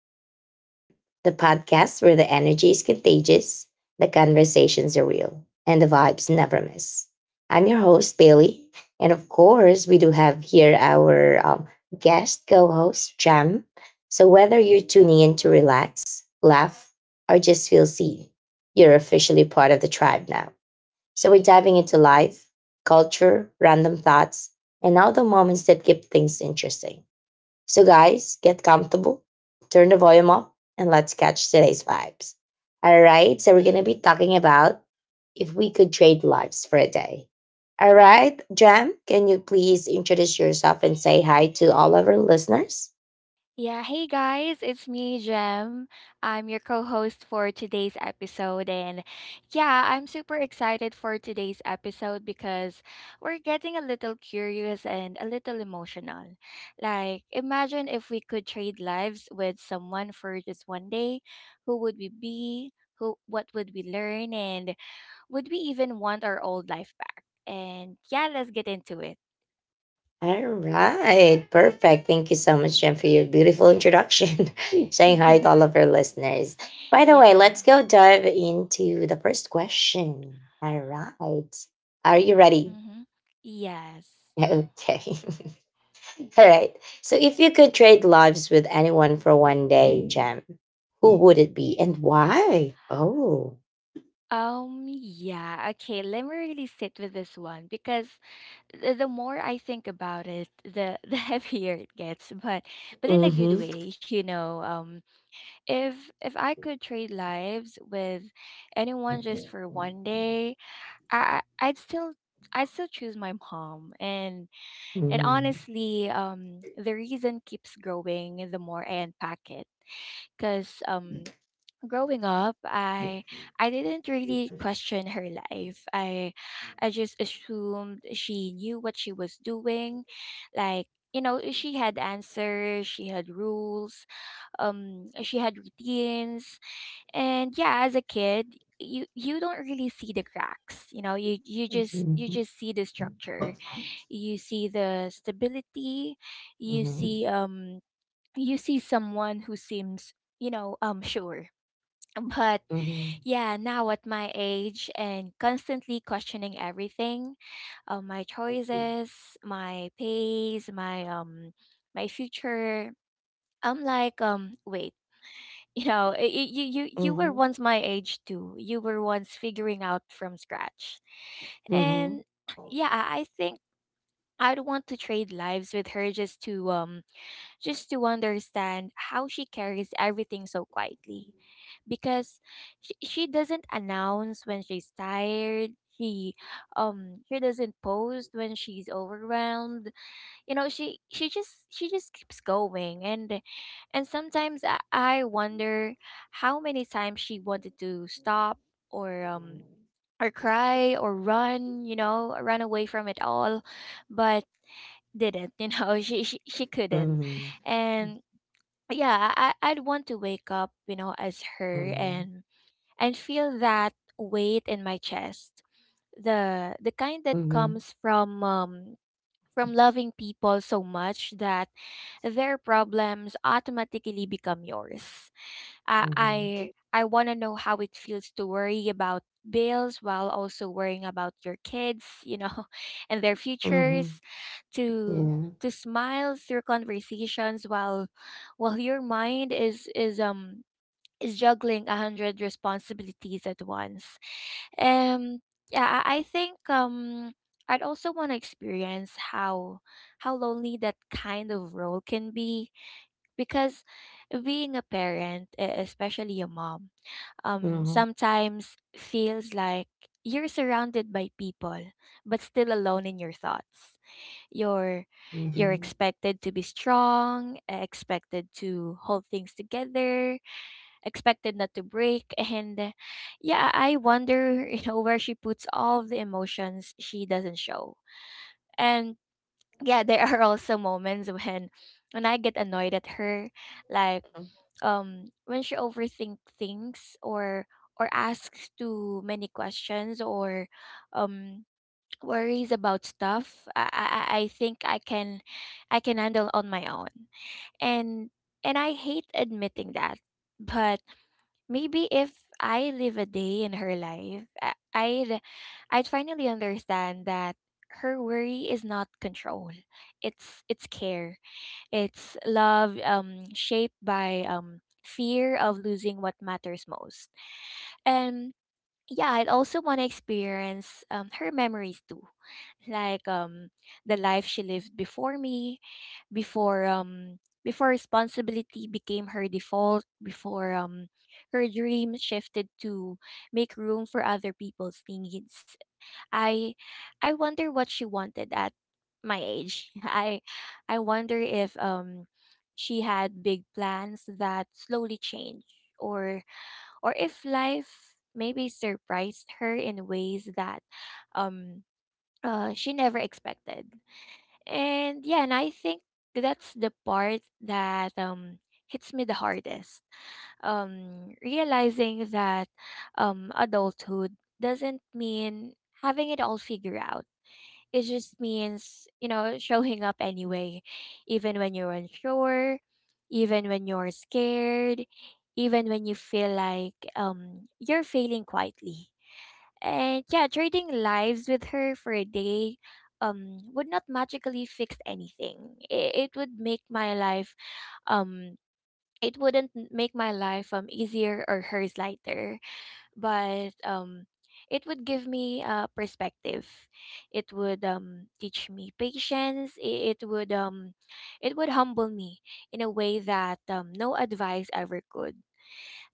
to the Vibe Tribe, the podcast where the energy is contagious, the conversations are real, and the vibes never miss. I'm your host, Bailey. And of course, we do have here our guest co host, Jam. So whether you're tuning in to relax, laugh, or just feel seen, you're officially part of the tribe now. So we're diving into life, culture, random thoughts, and all the moments that keep things interesting. So, guys, get comfortable, turn the volume up, and let's catch today's vibes. All right, so we're going to be talking about if we could trade lives for a day. All right, Jam, can you please introduce yourself and say hi to all of our listeners? Yeah, hey guys, it's me, Jem. I'm your co host for today's episode. And yeah, I'm super excited for today's episode because we're getting a little curious and a little emotional. Like, imagine if we could trade lives with someone for just one day. Who would we be? Who, what would we learn? And would we even want our old life back? And yeah, let's get into it. All right, perfect. Thank you so much, Jam, for your beautiful introduction, saying hi to all of our listeners. By the way, let's Yeah. go dive into the first question. All right, are you ready? Mm-hmm. Yes. Okay. All right. So if you could trade lives with anyone for one day, Jam, who would it be and why? Oh. Yeah, okay, let me really sit with this one because the more I think about it, the the heavier it gets, but in a good Mm-hmm. way, you know. If I could trade lives with anyone just for one day, I I'd still I'd still choose my mom. And Mm-hmm. honestly, the reason keeps growing the more I unpack it. Cause growing up, I didn't really question her life. I just assumed she knew what she was doing, like, you know, she had answers, she had rules, she had routines. And yeah, as a kid, you don't really see the cracks, you know. you you just you Mm-hmm. just see the structure, you see the stability, you Mm-hmm. see, you see someone who seems, you know, sure. But Mm-hmm. yeah, now at my age and constantly questioning everything, my choices, my pace, my my future, I'm like, wait, you know, you you were once my age too. You were once figuring out from scratch, Mm-hmm. and yeah, I think I'd want to trade lives with her just to understand how she carries everything so quietly, because she doesn't announce when she's tired. She she doesn't post when she's overwhelmed, you know. She just keeps going. And sometimes I wonder how many times she wanted to stop, or or cry or run, you know, run away from it all, but didn't. You know, she couldn't. And yeah, I'd want to wake up, you know, as her and feel that weight in my chest, the kind that Mm-hmm. comes from, from loving people so much that their problems automatically become yours. Mm-hmm. I want to know how it feels to worry about bills while also worrying about your kids, you know, and their Mm-hmm. futures. to Yeah. to smile through conversations while your mind is is juggling a hundred responsibilities at once. um yeah, I think I'd also want to experience how lonely that kind of role can be, because being a parent, especially a mom, Mm-hmm. sometimes feels like you're surrounded by people but still alone in your thoughts. You're you're Mm-hmm. expected to be strong, expected to hold things together, expected not to break. And yeah, I wonder, you know, where she puts all of the emotions she doesn't show. And yeah, there are also moments when when I get annoyed at her, like, when she overthink things, or asks too many questions, or um worries about stuff I think I can handle on my own. and and I hate admitting that, but maybe if I live a day in her life, I'd I'd finally understand that her worry is not control. It's care. It's love shaped by fear of losing what matters most. And yeah, I'd also want to experience her memories too. Like, the life she lived before me, before before responsibility became her default, before her dream shifted to make room for other people's needs. i I wonder what she wanted at my age. I wonder if, she had big plans that slowly changed, or or if life maybe surprised her in ways that, um she never expected. And yeah, and I think that's the part that hits me the hardest. Realizing that adulthood doesn't mean having it all figured out. It just means, you know, showing up anyway, even when you're unsure, even when you're scared, even when you feel like you're failing quietly. And yeah, trading lives with her for a day would not magically fix anything. It would make my life, um it wouldn't make my life easier or hers lighter, but it would give me, perspective. It would teach me patience. It would it would humble me in a way that no advice ever could.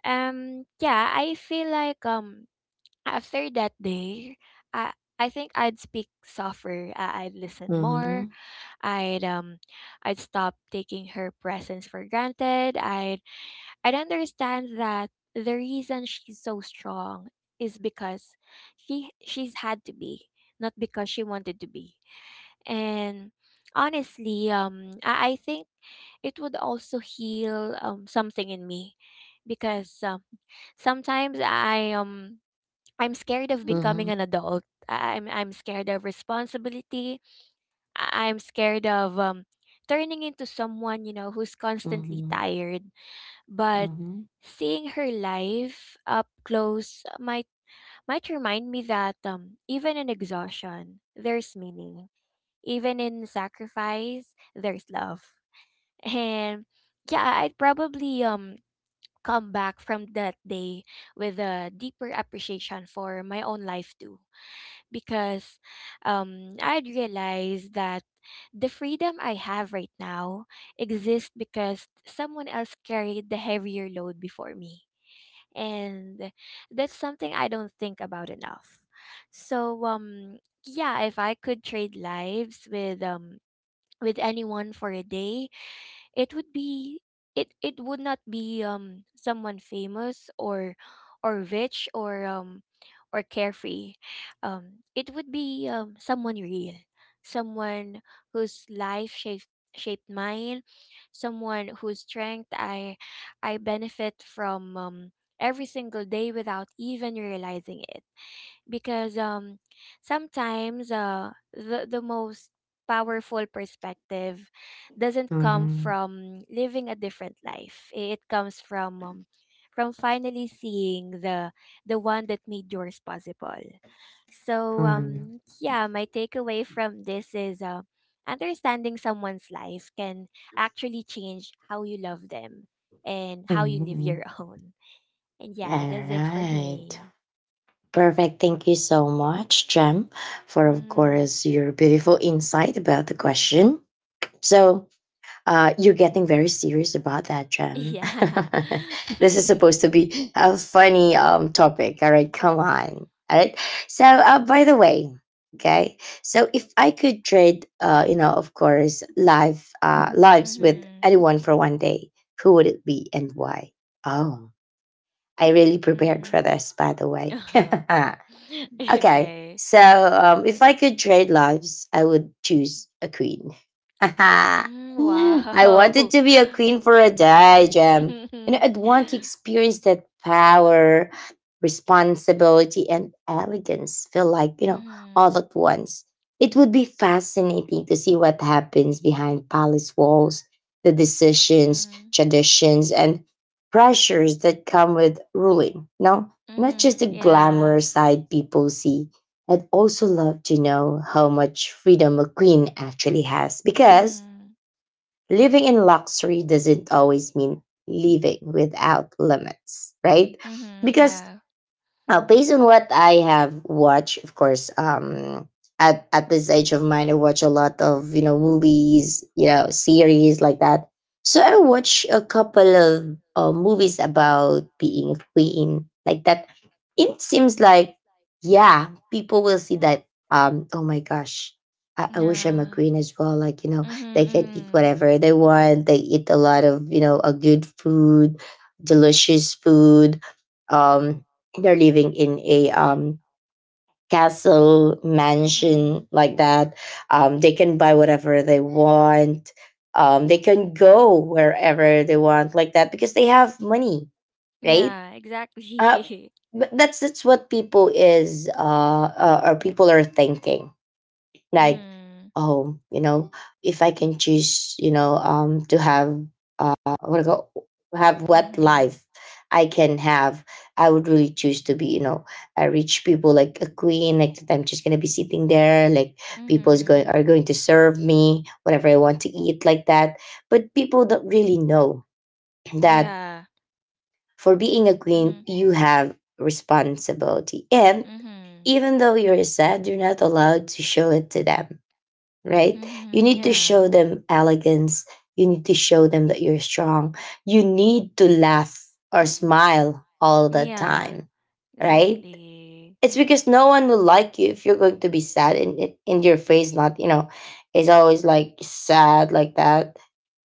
Yeah, I feel like after that day, I I think I'd speak softer. I'd listen Mm-hmm. more. I'd um, I'd stop taking her presence for granted. I'd understand that the reason she's so strong is because she's had to be, not because she wanted to be. And honestly, I think it would also heal something in me, because sometimes I I'm scared of becoming Mm-hmm. an adult. I'm scared of responsibility. I'm scared of turning into someone, you know, who's constantly Mm-hmm. tired. But Mm-hmm. seeing her life up close might remind me that even in exhaustion, there's meaning. Even in sacrifice, there's love. And yeah, I'd probably come back from that day with a deeper appreciation for my own life too, because I'd realized that the freedom I have right now exists because someone else carried the heavier load before me. And that's something I don't think about enough. So yeah, if I could trade lives with anyone for a day, it would be, it would not be someone famous or rich or carefree. It would be someone real, someone whose life shaped shaped mine, someone whose strength I benefit from every single day without even realizing it, because sometimes the most powerful perspective doesn't come from living a different life. It comes from, from finally seeing the one that made yours possible. So yeah, my takeaway from this is, understanding someone's life can actually change how you love them and how you live Mm-hmm. your own. And All yeah, that's it for right. me. Perfect. Thank you so much, Jem, for of Mhm. course your beautiful insight about the question. So you're getting very serious about that, Jem. Yeah. This is supposed to be a funny topic. All right, come on. All right. So by the way, okay. So if I could trade, you know, of course, life, lives with Mhm. anyone for one day, who would it be and why? Oh, I really prepared Mhm. for this, by the way. Okay. Okay. So if I could trade lives, I would choose a queen. I Mm, wow. wanted to be a queen for a day, Jam. You know, Mhm. I'd want to experience that power, responsibility, and elegance feel like, you know, Mhm. all at once. It would be fascinating to see what happens behind palace walls, the decisions, Mhm. traditions, and pressures that come with ruling. No, not just Mhm. the Yeah. glamorous side people see. I'd also love to know how much freedom a queen actually has, because Mhm. living in luxury doesn't always mean living without limits, right? Mhm. Because Yeah. now, based on what I have watched, of course, at this age of mine, I watch a lot of, you know, movies, you know, series like that. So I watch a couple of movies about being queen, like that. It seems like, yeah, people will see that. Oh my gosh, I wish I'm a Yeah. queen as well. Like, you know, Mhm. they can eat Mhm. whatever they want. They eat a lot of, you know, a good food, delicious food. Um, they're living in a castle mansion, Mhm. like that. They can buy whatever they want. They can go wherever they want, like that, because they have money, right? Yeah, exactly. uh but that's what people is or people are thinking, like, Mhm. oh, you know, if I can choose, you know, to have uh what I go have what Mhm. life I can have, I would really choose to be, you know, a rich people, like a queen, like that. I'm just gonna be sitting there, like, people is going Mhm. are going to serve me whatever I want to eat, like that. But people don't really know that Yeah. for being a queen, Mhm. you have responsibility. And Mhm. even though you're sad, you're not allowed to show it to them, right? You Mhm. need to Yeah. show them elegance. You need to show them that you're strong. You need to laugh or smile all the Yeah. time, right? Exactly. It's because no one will like you if you're going to be sad, and, your face not, you know, is always like sad, like that.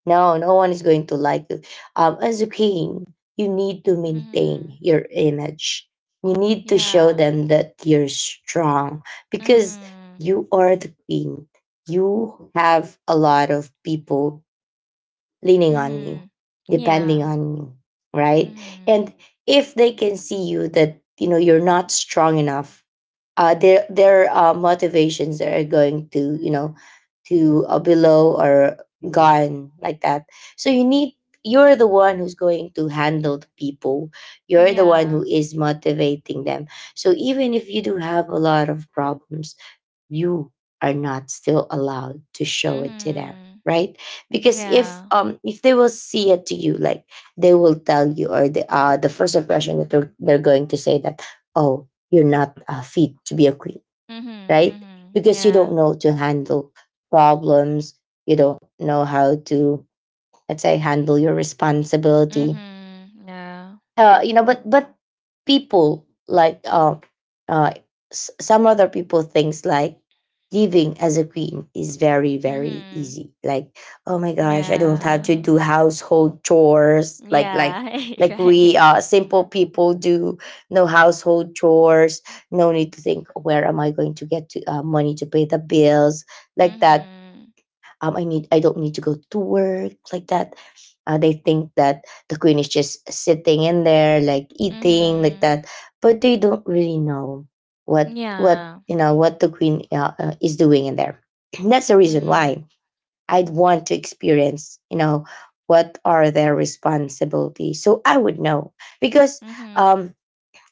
No, no one is going to like you. As a king, you need to Mm-hmm. maintain your image. You need to show Yeah. them that you're strong, because Mm-hmm. you are the queen. You have a lot of people leaning on you, Mm-hmm. depending Yeah. on you, right? Mm-hmm. And if they can see you that, you know, you're not strong enough, their motivations are going to, you know, to below or gone, like that. So you need, you're the one who's going to handle the people, you're the one who Yeah. is motivating them. So even if you do have a lot of problems, you are not still allowed to show it to them, Mm-hmm. right? Because Yeah. If they will see it to you, like, they will tell you, or the first impression that they're going to say that, oh, you're not fit to be a queen, Mm-hmm. right? Mm-hmm. Because you Yeah. don't know to handle problems, you don't know how to, let's say, handle your responsibility, Mm-hmm. Yeah. You know. But people like uh, s- some other people thinks like living as a queen is very, very Mm-hmm. easy. Like, oh my gosh, I don't have Yeah. to do household chores, Yeah. like Right. we, simple people do. No household chores, no need to think, where am I going to get to, money to pay the bills, like that. Mm-hmm. I need, I don't need to go to work, like that. They think that the queen is just sitting in there, like, eating, like Mm-hmm. that, but they don't really know what, Yeah. you know, what the queen is doing in there. That's the reason Mm-hmm. why I'd want to experience, you know, what are their responsibilities, so I would know, because Mm-hmm. um,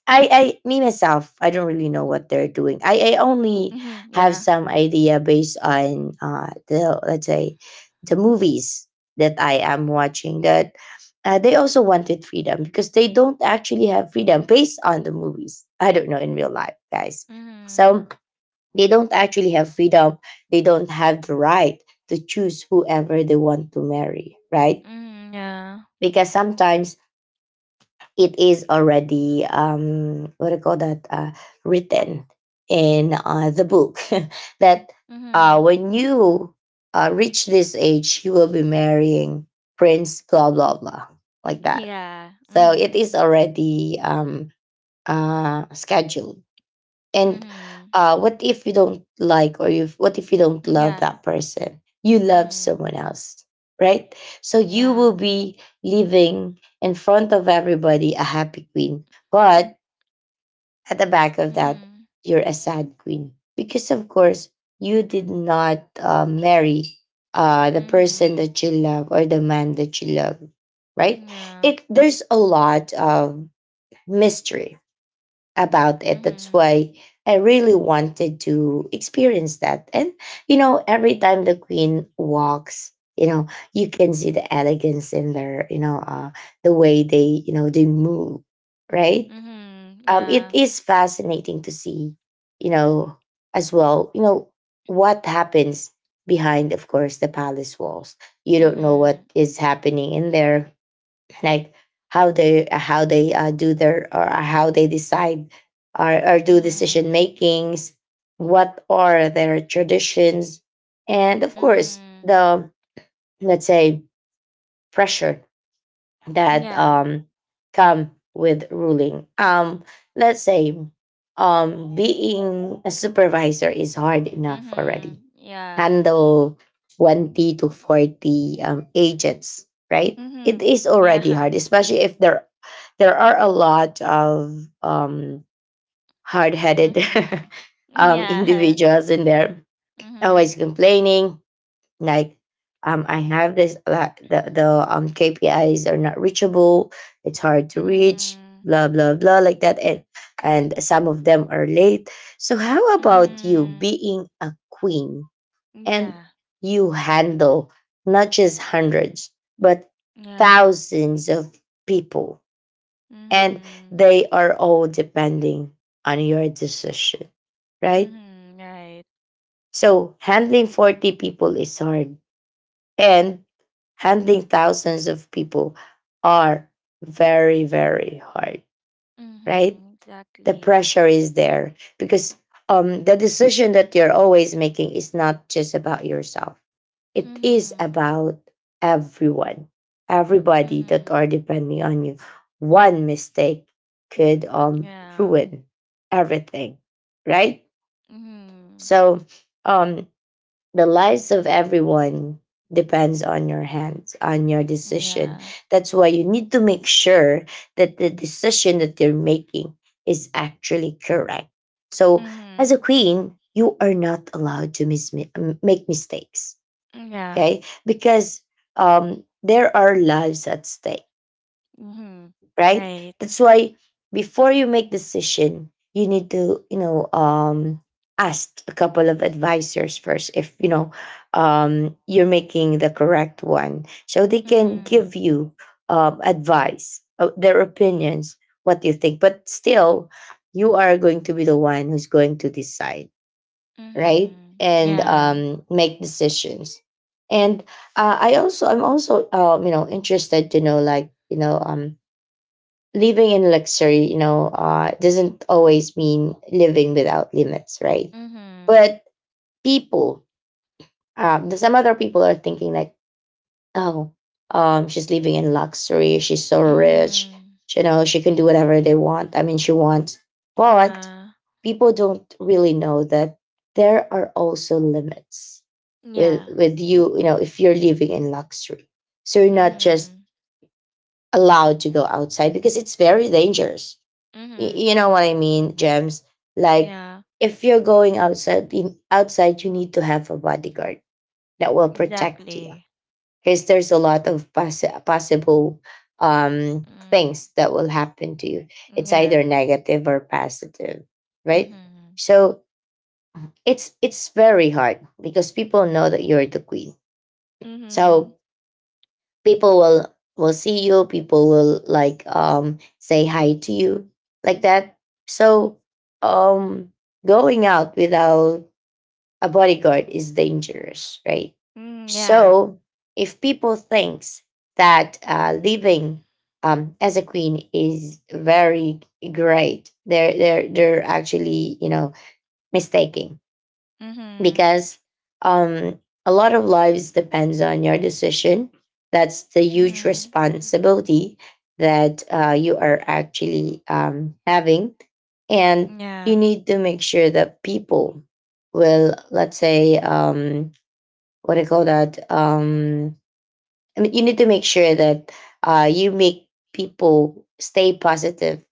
I, me myself, I don't really know what they're doing. I only Mm-hmm. have Yeah. some idea based on the, let's say, the movies that I am watching. That they also wanted freedom, because they don't actually have freedom based on the movies. I don't know in real life, guys. Mm-hmm. So they don't actually have freedom. They don't have the right to choose whoever they want to marry, right? Mm-hmm. Yeah. Because sometimes it is already what do you call that, written in the book that, Mm-hmm. When you reach this age, you will be marrying prince blah blah blah, like that. Yeah. So Mm-hmm. it is already scheduled. And Mm-hmm. What if you don't like, or you, what if you don't love Yeah. that person? You love Mhm. someone else, right? So you Yeah. will be living in front of everybody a happy queen, but at the back of that, Mhm. you're a sad queen, because of course you did not marry the person Mhm. that you love, or the man that you love, right? Yeah. It There's a lot of mystery about it. That's Mhm. why I really wanted to experience that. And, you know, every time the queen walks, you know, you can see the elegance in their, you know, the way they, you know, they move, right? Mhm. It Yeah. is fascinating to see, you know, as well, you know, what happens behind, of course, the palace walls. You don't know what Mhm. is happening in there, like, how they, do their, or how they decide, or, do decision Mhm. makings, what are their traditions, and of course Mhm. the, let's say, pressure that Yeah. Come with ruling. Let's say, being a supervisor is hard enough already, Mhm. Yeah. handle 20 to 40 agents, right? Mhm. It is Yeah. already hard, especially if there are a lot of um, Mhm. hard-headed Yeah. Mhm. Individuals in there, always complaining, like, I have this the KPIs are not reachable. It's hard to reach. Mhm. Blah blah blah, like that. And some of them are late. So how about you Mhm. being a queen? And Yeah. you handle not just hundreds, but Yeah. thousands of people, and Mhm. they are all depending on your decision, right? Mhm. Right. So, handling 40 people is hard, and handling thousands of people are very, very hard, right? Mhm. The Exactly. pressure is there because the decision that you're always making is not just about yourself. It is Mhm. about everyone, everybody that Mhm. are depending on you. One mistake could Yeah. ruin everything, right? Mhm. So um, the lives of everyone depends on your hands, on your decision. Yeah. That's why you need to make sure that the decision that you're making is actually correct. So as a Mhm. queen, you are not allowed to make mistakes, Mm, yeah. okay? Because there are lives at stake, Mhm. right? Right? That's why before you make decision, you need to, you know, ask a couple of advisors first, if you know you're making the correct one, so they can give Mhm. you advice, their opinions, what you think. But still, you are going to be the one who's going to decide, right? Mhm. And Yeah. Make decisions. And I'm also, interested to know, like, living in luxury, doesn't always mean living without limits, right? Mhm. But people, some other people are thinking like, oh, she's living in luxury. She's so rich. Mhm. She can do whatever they want. I mean, she wants. But Yeah. people don't really know that there are also limits with Yeah. with you. If you're living in luxury, so you're not just Mhm. allowed to go outside because it's very dangerous. Mhm. You know what I mean, Gems? Like Yeah. if you're going outside outside, you need to have a bodyguard that will protect you Exactly. because there's a lot of possible Mm. things that will happen to you. It's either Yeah. negative or positive, right? Mhm. So it's very hard because people know that you're the queen. So Mhm. people will see you. People will like say hi to you like that. So um going out without a bodyguard is dangerous, right? Mm, yeah. So if people thinks that living as a queen is very great, they're actually mistaking. Mhm. Because um, a lot of lives depends on your decision. That's the huge Mhm. responsibility that you are actually having, and you Yeah. need to make sure that people will, let's say, what do you call that? I mean, you need to make sure that you make people stay positive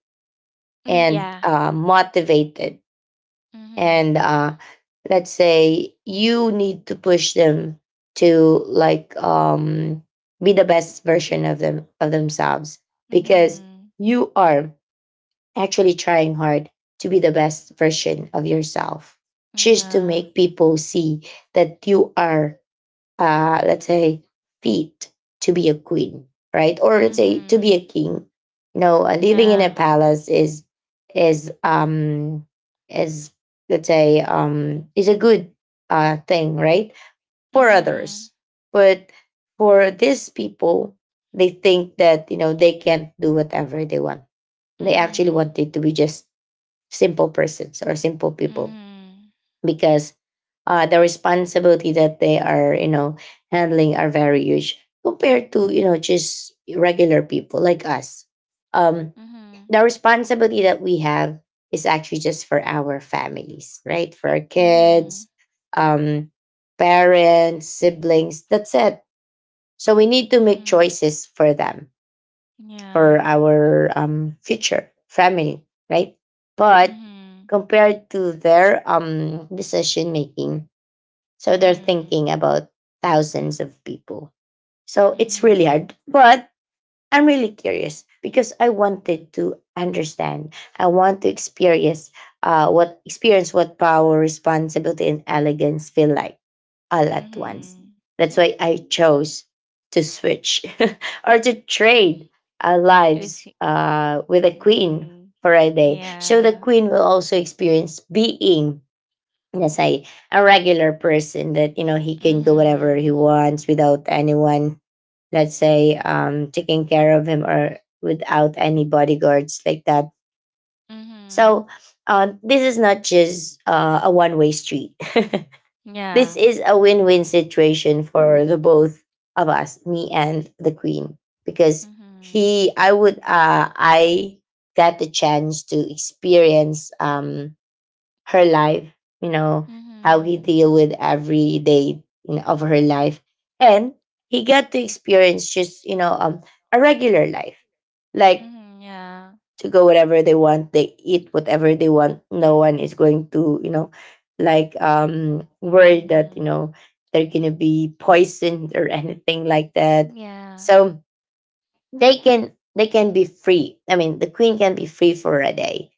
Mm, and yeah. Motivated, Mhm. and let's say you need to push them to, like, be the best version of themselves because Mhm. you are actually trying hard to be the best version of yourself just to Yeah. make people see that you are, let's say, feat to be a queen, right? Or let's say to be a Mhm. king. No, living in a Yeah. palace is um is let's say is a good thing, right? For others, Mhm. but for these people, they think that they can't do whatever they want. They actually Mhm. want it to be just simple persons or simple people Mhm. because the responsibility that they are handling are very huge compared to just regular people like us. um Mhm. the responsibility that we have is actually just for our families, right? For our kids, Mhm. um parents, siblings, that's it. So we need to make Mhm. choices for them, for Yeah. our future family, right? But Mhm. compared to their decision making, so they're Mhm. thinking about thousands of people. So it's really Mhm. hard. But I'm really curious because I wanted to understand. I want to experience what power, responsibility, and elegance feel like all at once. Mhm. That's why I chose to switch or to trade our With lives y- with a queen Mhm. for a day. So Yeah. the queen will also experience being. Yes, I a regular person that he can do whatever Mhm. he wants without anyone, let's say, taking care of him or without any bodyguards like that. Mhm. So, this is not just a one-way street. Yeah. This is a win-win situation for the both of us, me and the queen, because Mhm. I got the chance to experience her life, you know, how he Mhm. deal with every day, of her life. And he got to experience just, a regular life, like Mhm. Yeah. to go whatever they want, they eat whatever they want. No one is going to, like worry that, Mhm. They're going to be poisoned or anything like that. Yeah. So they can be free. I mean, the queen can be free for a day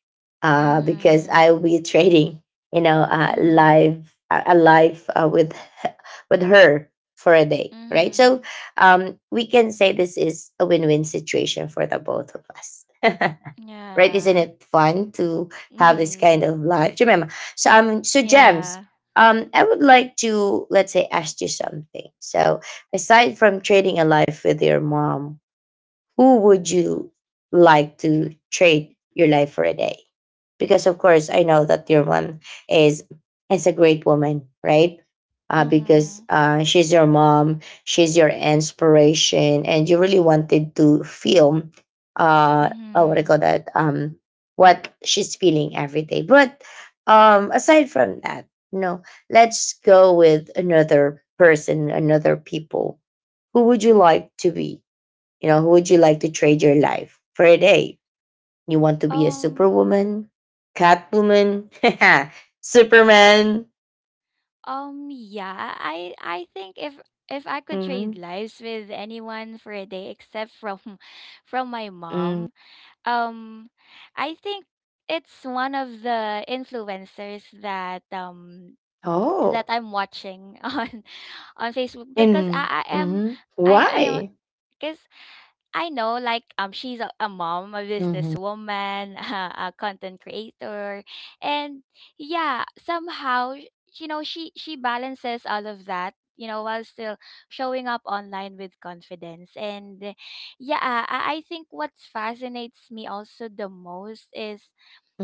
because Mhm. I will be trading, Mhm. live a life, with with her for a day, right? So Mhm. We can say this is a win-win situation for the both of us. Right? Isn't Yeah. it fun to have this kind Mhm. of life? Remember, so, Gems, Yeah. I would like to, let's say, ask you something. So aside from trading a life with your mom, who would you like to trade your life for a day? Because of course, I know that your one is is a great woman, right? Because Mhm. She's your mom, she's your inspiration, and you really wanted to feel, uh, oh, what do you Mhm. call that? What she's feeling every day. But aside from that, no, let's go with another person, another people. Who would you like to be? Who would you like to trade your life for a day? You want to be a Um superwoman, catwoman, superman? Yeah, I think if I could trade Hmm. lives with anyone for a day, except from from my Mm. mom, um, I think it's one of the influencers that that Oh, I'm watching on Facebook, because and I I am hmm, I I am why? because I know, like, a mom, a Hmm. businesswoman, a content creator, and yeah, somehow, you know, she balances all of that, you know, while still showing up online with confidence. And yeah, I think what fascinates me also the most is,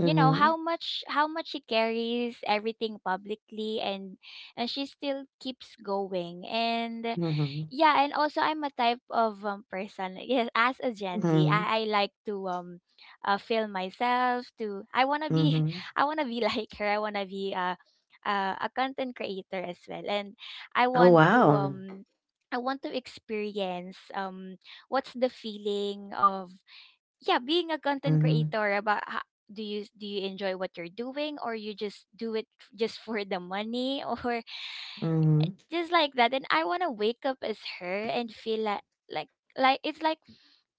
you know, how much how much she carries everything publicly, and she still keeps going. And Hmm. yeah, and also I'm a type of person. Yes, as a Gen Z, Hmm. I like to film myself. To I want to be Hmm. I want to be like her. I want to be a content creator as well. And I Oh, want to wow. I want to experience what's the feeling of, yeah, being a content Hmm. creator. About how, do you enjoy what you're doing, or you just do it just for the money, or Hmm. just like that. And I want to wake up as her and feel like like like it's like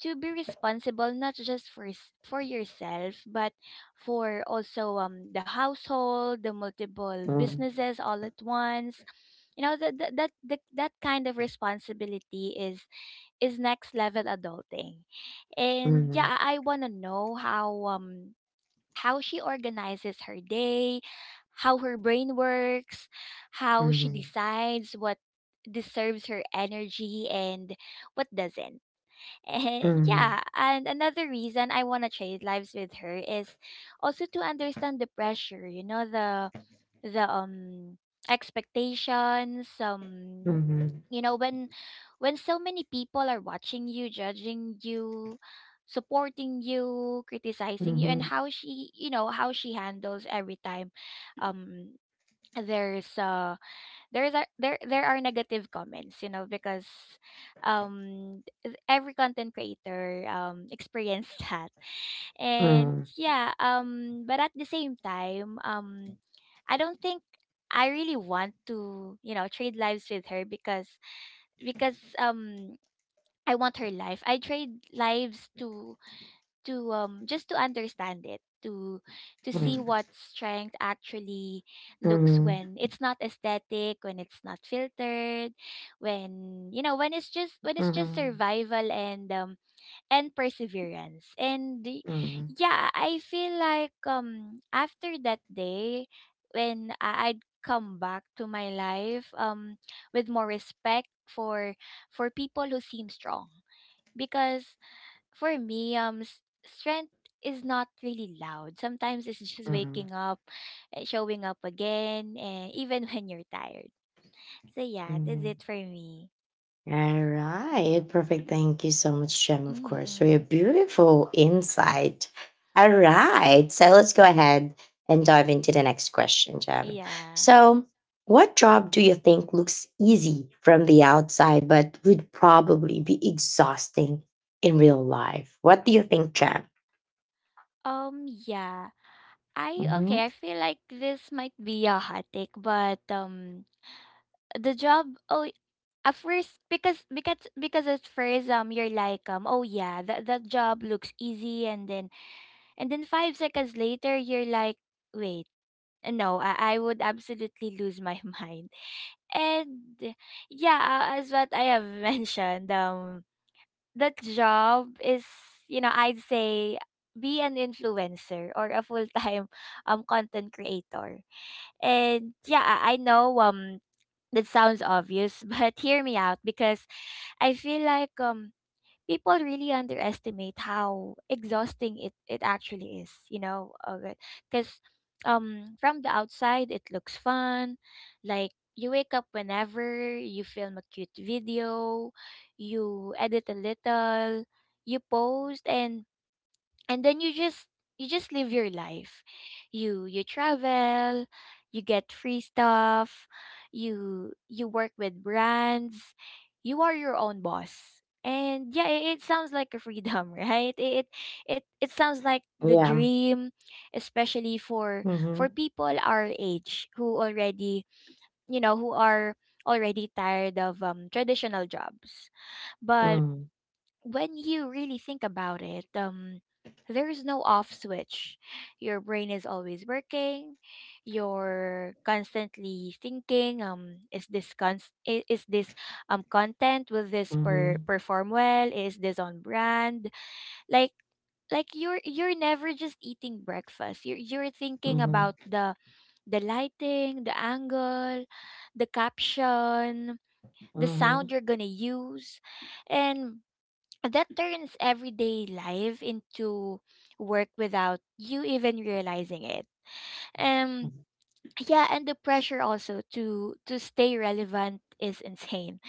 to be responsible, not just for for yourself, but for also the household, the multiple Hmm. Hmm. businesses all at once. You know that that kind of responsibility is next level adulting. And Hmm. yeah, I wanna know how she organizes her day, how her brain works, how she Hmm. decides what deserves her energy and what doesn't. And Hmm. yeah, and another reason I wanna trade lives with her is also to understand the pressure, you know, the expectations, Hmm. you know when so many people are watching you, judging you, supporting you, criticizing Hmm. you, and Hmm. how she handles every time. um there's uh there's a, there are negative comments, you know, because every content creator experienced that. And yeah, but at the same time, I don't think I really want, to trade lives with her, because because um I want her life. I trade lives to just to understand it, to see what strength actually looks when it's not aesthetic, when it's not filtered, when it's just when it's just Hmm. survival and perseverance. And yeah, I feel like after that day when I'd come back to my life with more respect for people who seem strong, because for me, strength is not really loud. Sometimes it's just Hmm. waking up, showing up again, and even when you're tired. So yeah, that's Hmm. it for me. All right, perfect. Thank you so much, Jem, of course, for your Mhm. beautiful insight. All right, so let's go ahead and dive into the next question, Jem. Yeah. So, what job do you think looks easy from the outside but would probably be exhausting in real life? What do you think, Jem? Yeah. I Hmm. Okay, I feel like this might be a hot take, but the job, oh, at first, because at first, you're like, oh yeah, that job looks easy, and then 5 seconds later you're like, wait, no, I would absolutely lose my mind. And yeah, as what I have mentioned, that job is, you know, I'd say, be an influencer or a full-time content creator. And yeah, I know that sounds obvious, but hear me out, because I feel like people really underestimate how exhausting it actually is, you know, because from the outside, it looks fun. Like, you wake up whenever, you film a cute video, you edit a little, you post, and then you just live your life, you travel, you get free stuff, you work with brands, you are your own boss. And yeah, it sounds like a freedom, right? It sounds like the Yeah. dream, especially for Mm-hmm. People our age who already you know who are already tired of, traditional jobs. But when you really think about it, there's no off switch. Your brain is always working. You're constantly thinking, is this content? Will Mm-hmm. perform well? Is this on brand? Like like you're never just eating breakfast. You're thinking Mm-hmm. about the lighting, the angle, the caption, the Mm-hmm. sound you're gonna use. And that turns everyday life into work without you even realizing it. Um yeah, and the pressure also to stay relevant is insane,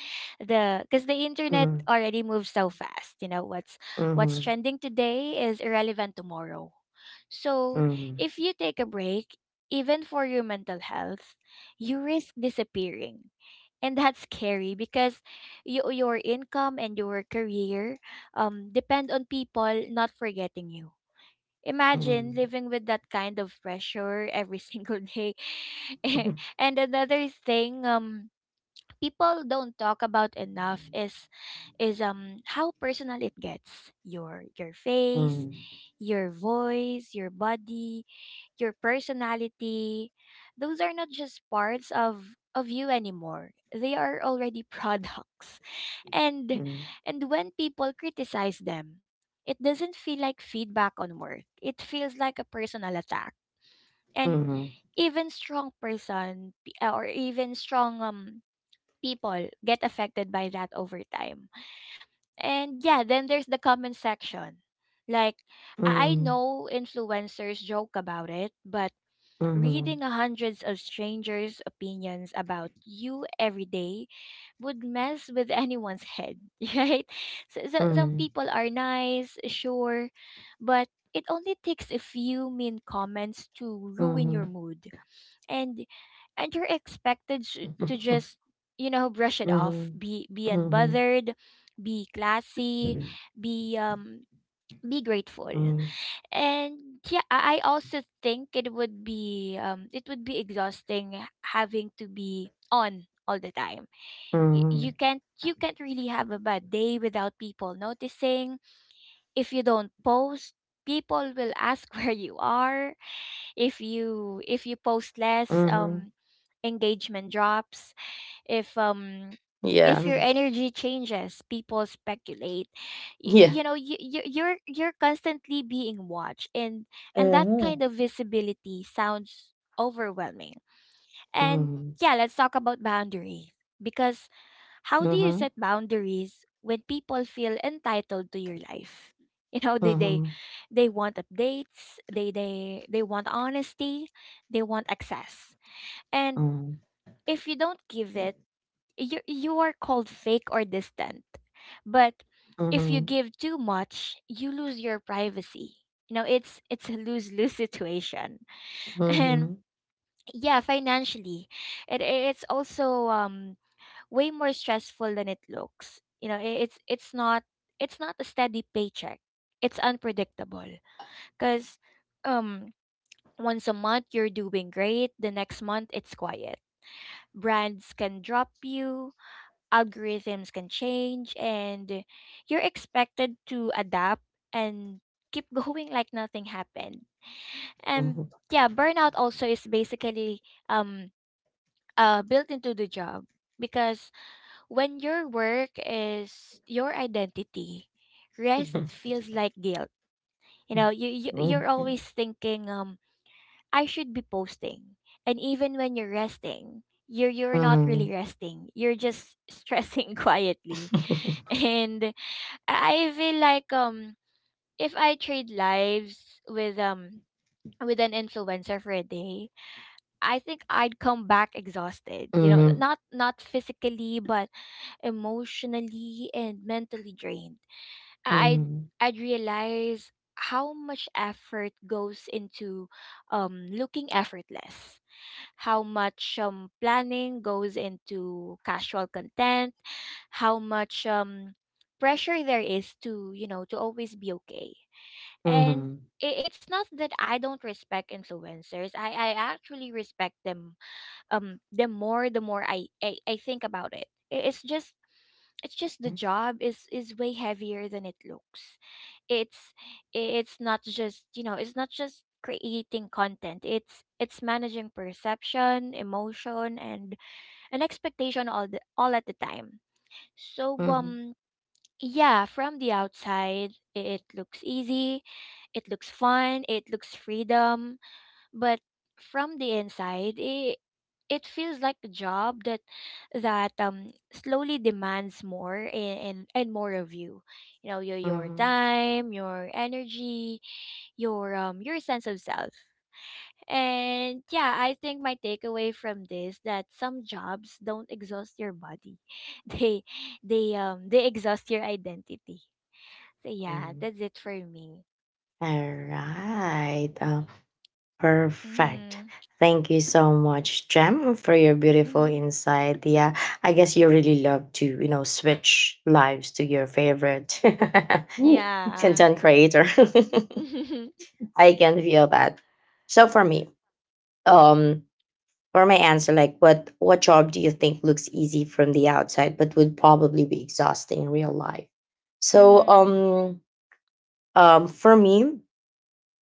the because the internet Mm-hmm. already moves so fast. You know, what's Mm-hmm. trending today is irrelevant tomorrow. So Mm-hmm. if you take a break, even for your mental health, you risk disappearing, and that's scary, because your income and your career, depend on people not forgetting you. Imagine Mm-hmm. living with that kind of pressure every single day. And another thing people don't talk about enough is how personal it gets. Your face, Mm-hmm. your voice, your body, your personality — those are not just parts of you anymore. They are already products, and and when people criticize them, it doesn't feel like feedback on work. It feels like a personal attack. And Mhm. even strong person p- or even strong people get affected by that over time. And yeah, then there's the comment section. Like, I Mhm. know influencers joke about it, but Mhm. reading hundreds of strangers' opinions about you every day would mess with anyone's head, right? So some Mhm. people are nice, sure, but it only takes a few mean comments to ruin Mhm. your mood. And you're expected to just brush it off, Mhm. be Mhm. unbothered, be classy, be um be grateful. Mhm. Mhm. And yeah, I also think it would be exhausting having to be on all the time. You can't really have a bad day without people noticing. If you don't post, people will ask where you are. If you post less, Mhm. Engagement drops. If um if Yeah. your energy changes, people speculate. you, Yeah. you know you, you you're you're constantly being watched, and that kind Mhm. of visibility sounds overwhelming. And Mhm. yeah, let's talk about boundaries, because how do you Mhm. set boundaries when people feel entitled to your life? You know, Mhm. they want updates, they want honesty, they want access. And if you don't give it, you are called fake or distant. But if you Mhm. give too much, you lose your privacy. You know, it's a lose lose situation. And Mhm. yeah, financially, it's also way more stressful than it looks. You know, it's not a steady paycheck. It's unpredictable, because um once a month you're doing great, the next month it's quiet. Brands can drop you, algorithms can change, and you're expected to adapt and keep going like nothing happened. Mhm. And Mhm. yeah, burnout also is basically um built into the job, because when your work is your identity, rest feels like guilt. You know, you're always thinking, I should be posting. And even when you're resting, you're not really resting. You're just stressing quietly. And I feel like, if I trade lives with an influencer for a day, I think I'd come back exhausted. Mhm. You know, Mhm. not not physically, but emotionally and mentally drained. Mhm. Mhm. I'd Mhm. I'd realize how much effort goes into, looking effortless, how much, planning goes into casual content, how much, pressure there is to to always be okay. And I- it's not that I don't respect influencers. I actually respect them the more, the more I think about it. It's just Mhm. the Mhm. job is way heavier than it looks. It's it's not just, you know, it's not just creating content. It's managing perception, emotion, and an expectation all the all at the time. So, yeah, from the outside, it looks easy, it looks fun, it looks freedom, but from the inside, it feels like a job that slowly demands more, and more of you. You know, your Mhm. time, your energy, your sense of self. And yeah, I think my takeaway from this, that some jobs don't exhaust your body, they they exhaust your identity. So yeah, Mhm. that's it for me. All right. Perfect. Mhm. Thank you so much, Jem, for your beautiful Mhm. insight. Yeah, I guess you really love to, switch lives to your favorite Yeah. content creator. I can feel that. So for me, um, for my answer, like what job do you think looks easy from the outside but would probably be exhausting in real life? So Mhm. For me,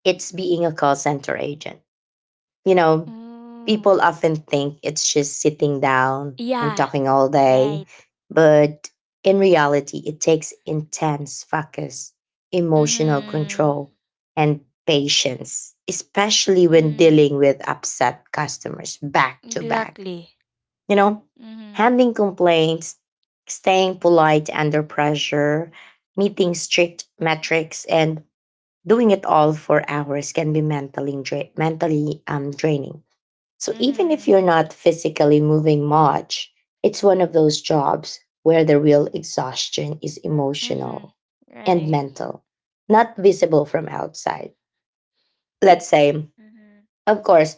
it's being a call center agent. you know, Oh. people often think it's just sitting down and Yeah. talking all day. Right. But in reality, it takes intense focus, emotional Mhm. control, and patience, especially when Mhm. dealing with upset customers back to back. Exactly. You know, Mhm. handling complaints, staying polite under pressure, meeting strict metrics, and doing it all for hours can be mentally draining. So even if you're Mhm. not physically moving much, it's one of those jobs where the real exhaustion is Mhm. emotional and Right. mental, not visible from outside. Let's say, Mhm. of course,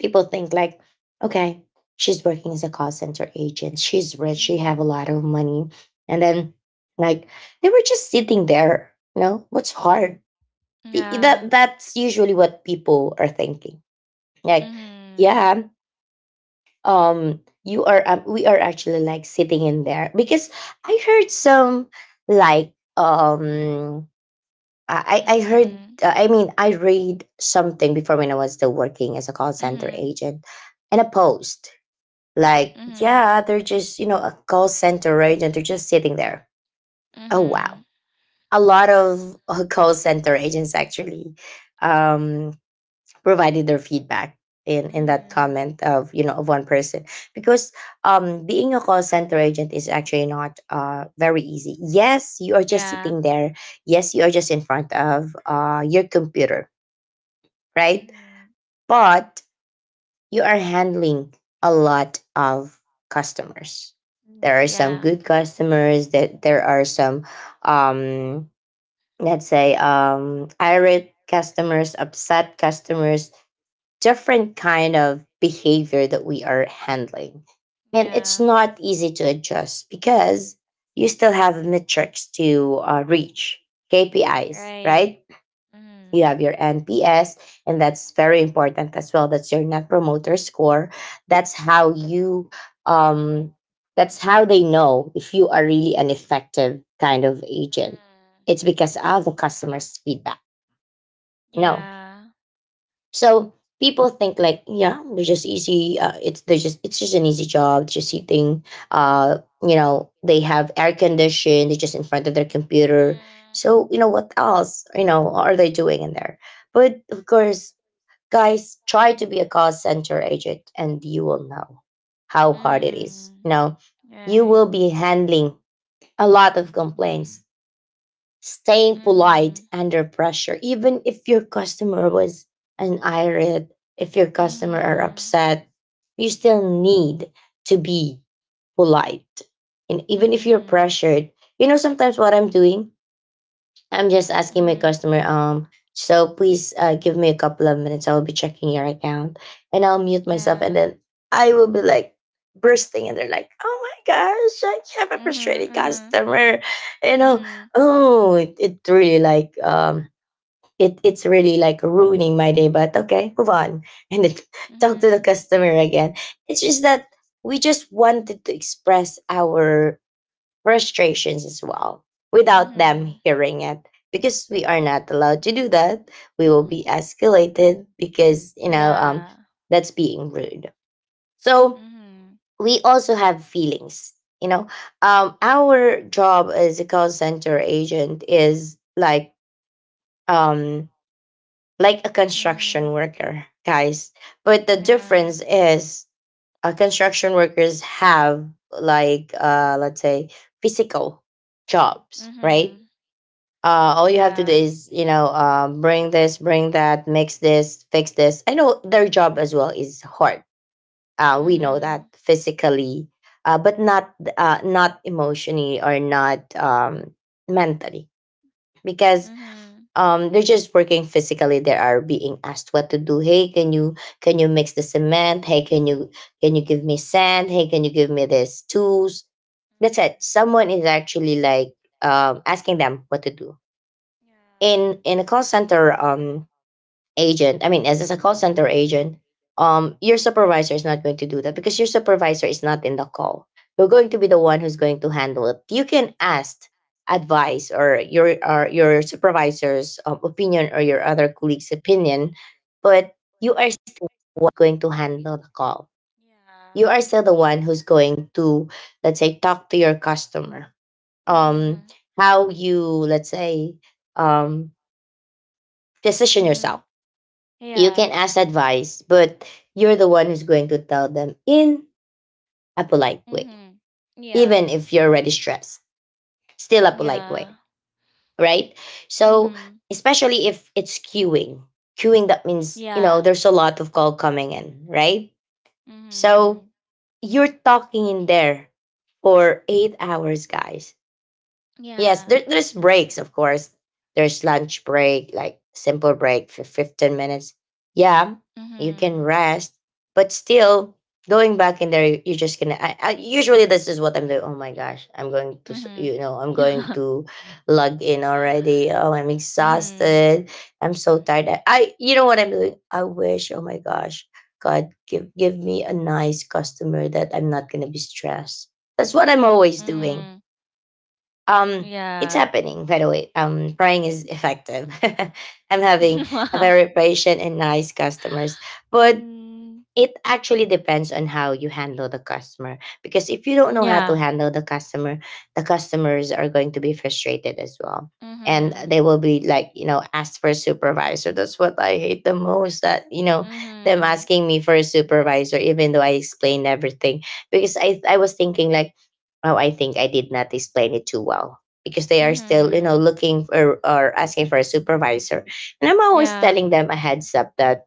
people think like, okay, she's working as a call center agent, she's rich, she have a Mhm. lot of money, and then like they were just sitting there. You know what's hard? Yeah. That's usually what people are thinking. Like, Mhm. yeah, you are, we are actually like sitting in there because I heard some like I heard, Mhm. I mean, I read something before when I was still working as a call center Mhm. agent. And a post like, Mhm. yeah, they're just a call center agent, they're just sitting there. Oh wow, Mhm. a lot of call center agents actually um provided their feedback in that Mhm. comment of you know of one person. Because being a call center agent is actually not very easy. Yes, you are just Yeah. sitting there. Yes, you are just in front of your computer, right? Mhm. But you are handling a lot of customers. There Mhm. are some Yeah. good customers, that there are some, um let's say, irate customers, upset customers, different kind of behavior that we are handling. And it's Yeah. not easy to adjust because you still have metrics to reach, Mhm. KPIs, Right. right? You Mhm. have your NPS, and that's very important as well. That's your net promoter score. That's how you, um, that's how they know if you are really an effective kind of agent. Mm. It's because of the customer's feedback. No, Yeah. so people think like, yeah, they're just easy. It's just an easy job, just sitting. They have They air have air condition. They're just in conditions, front of their just in computer. front of So you know what else? You know, are they doing in there? But of course, guys, try to be a call center agent, and you will know how the window. hard it is. Mhm. Mm. You know. You will Right. be handling a lot of complaints, staying So. polite Mhm. Yeah. under pressure, even if your customer was an irate, if your customer are Mhm. upset, you still need to be polite. And Mhm. even I'm just. if you're Mhm. I'm. pressured, you know sometimes what I'm doing? I'm just asking my customer, so please give me a couple of minutes. I will be checking your account, and I'll mute myself. And Yeah. Saying. then I will be like bursting, and they're like, oh my gosh, I have a frustrated Mhm. Mhm. customer. You know, oh, it really like, it's really like ruining my day, but okay, move on and then talk to the Mhm. customer again. It's just that we just wanted to express our frustrations as well without them Mhm. hearing it because we are not allowed to do that. We will be escalated because Yeah. that's being rude. So we also have feelings, you know. Our job as a call center agent is like, um like a construction Mhm. worker, guys. But the About. difference is, construction workers have, like let's say, physical jobs, Yeah. right? All you have to do Mhm. is, you know, bring this, bring that, mix this, fix this. I know their job as well is hard. We know that Mhm. Yeah. physically, but not not emotionally or not mentally, because they're just working physically. They are being asked what to do. Hey, can you, can you mix the cement? Hey, can you, can you give me sand? Hey, can you give me this tools? That's it. Mhm. Someone is actually, like, asking them what to do. Yeah. In a call center agent, I mean, as a call center agent, your supervisor is not going to do that because your supervisor is not in the call. You're going to be the one who's going to handle it. You can ask advice, or your, or your supervisor's opinion, or your other colleagues opinion, but you are still going to handle the call. You are still the one who's going to, let's say, talk to your customer, um Mhm. how you, let's say, um position Mhm. Mhm. Yeah. Mhm. Yeah. Mhm. yourself. Mhm. You can Yeah. ask advice, but you're the one who's going to tell them in a polite way, Mhm. even Yeah. if you're already stressed, still a polite way, Yeah. right? So, Mhm. especially if it's queuing, queuing that means, Yeah. there's a lot of call coming in, right? So, Mhm. you're talking in there for 8 hours, guys. Yes, Yeah. there's breaks, of course. There's lunch break, like simple break for 15 minutes. Yeah, you can Mhm. rest, but still going back in there, you're just gonna. Usually, this is what I'm doing. Oh my gosh, I'm going to, Mhm. you know, I'm going Mhm. to log in already. Oh, I'm exhausted. I'm so tired. I you know what I'm doing? I wish. Oh my gosh, God, give me a nice customer that I'm not gonna be stressed. That's what I'm always doing. Mm. um it's Yeah. happening, by the way. Praying is effective. I'm having a Wow. very patient and nice customers, but Mm. it actually depends on how you handle the customer, because if you don't know how Yeah. to handle the customer, the customers are going to be frustrated as well, and Mhm. they will be like, you know, ask for a supervisor. That's what I hate the most, that, you know, them Mhm. asking me for a supervisor even though I explained everything, because I was thinking like, oh, I think I did not explain it too well because they are still, you know, Mhm. looking for or asking for a supervisor. And I'm always Yeah. telling them a heads up that,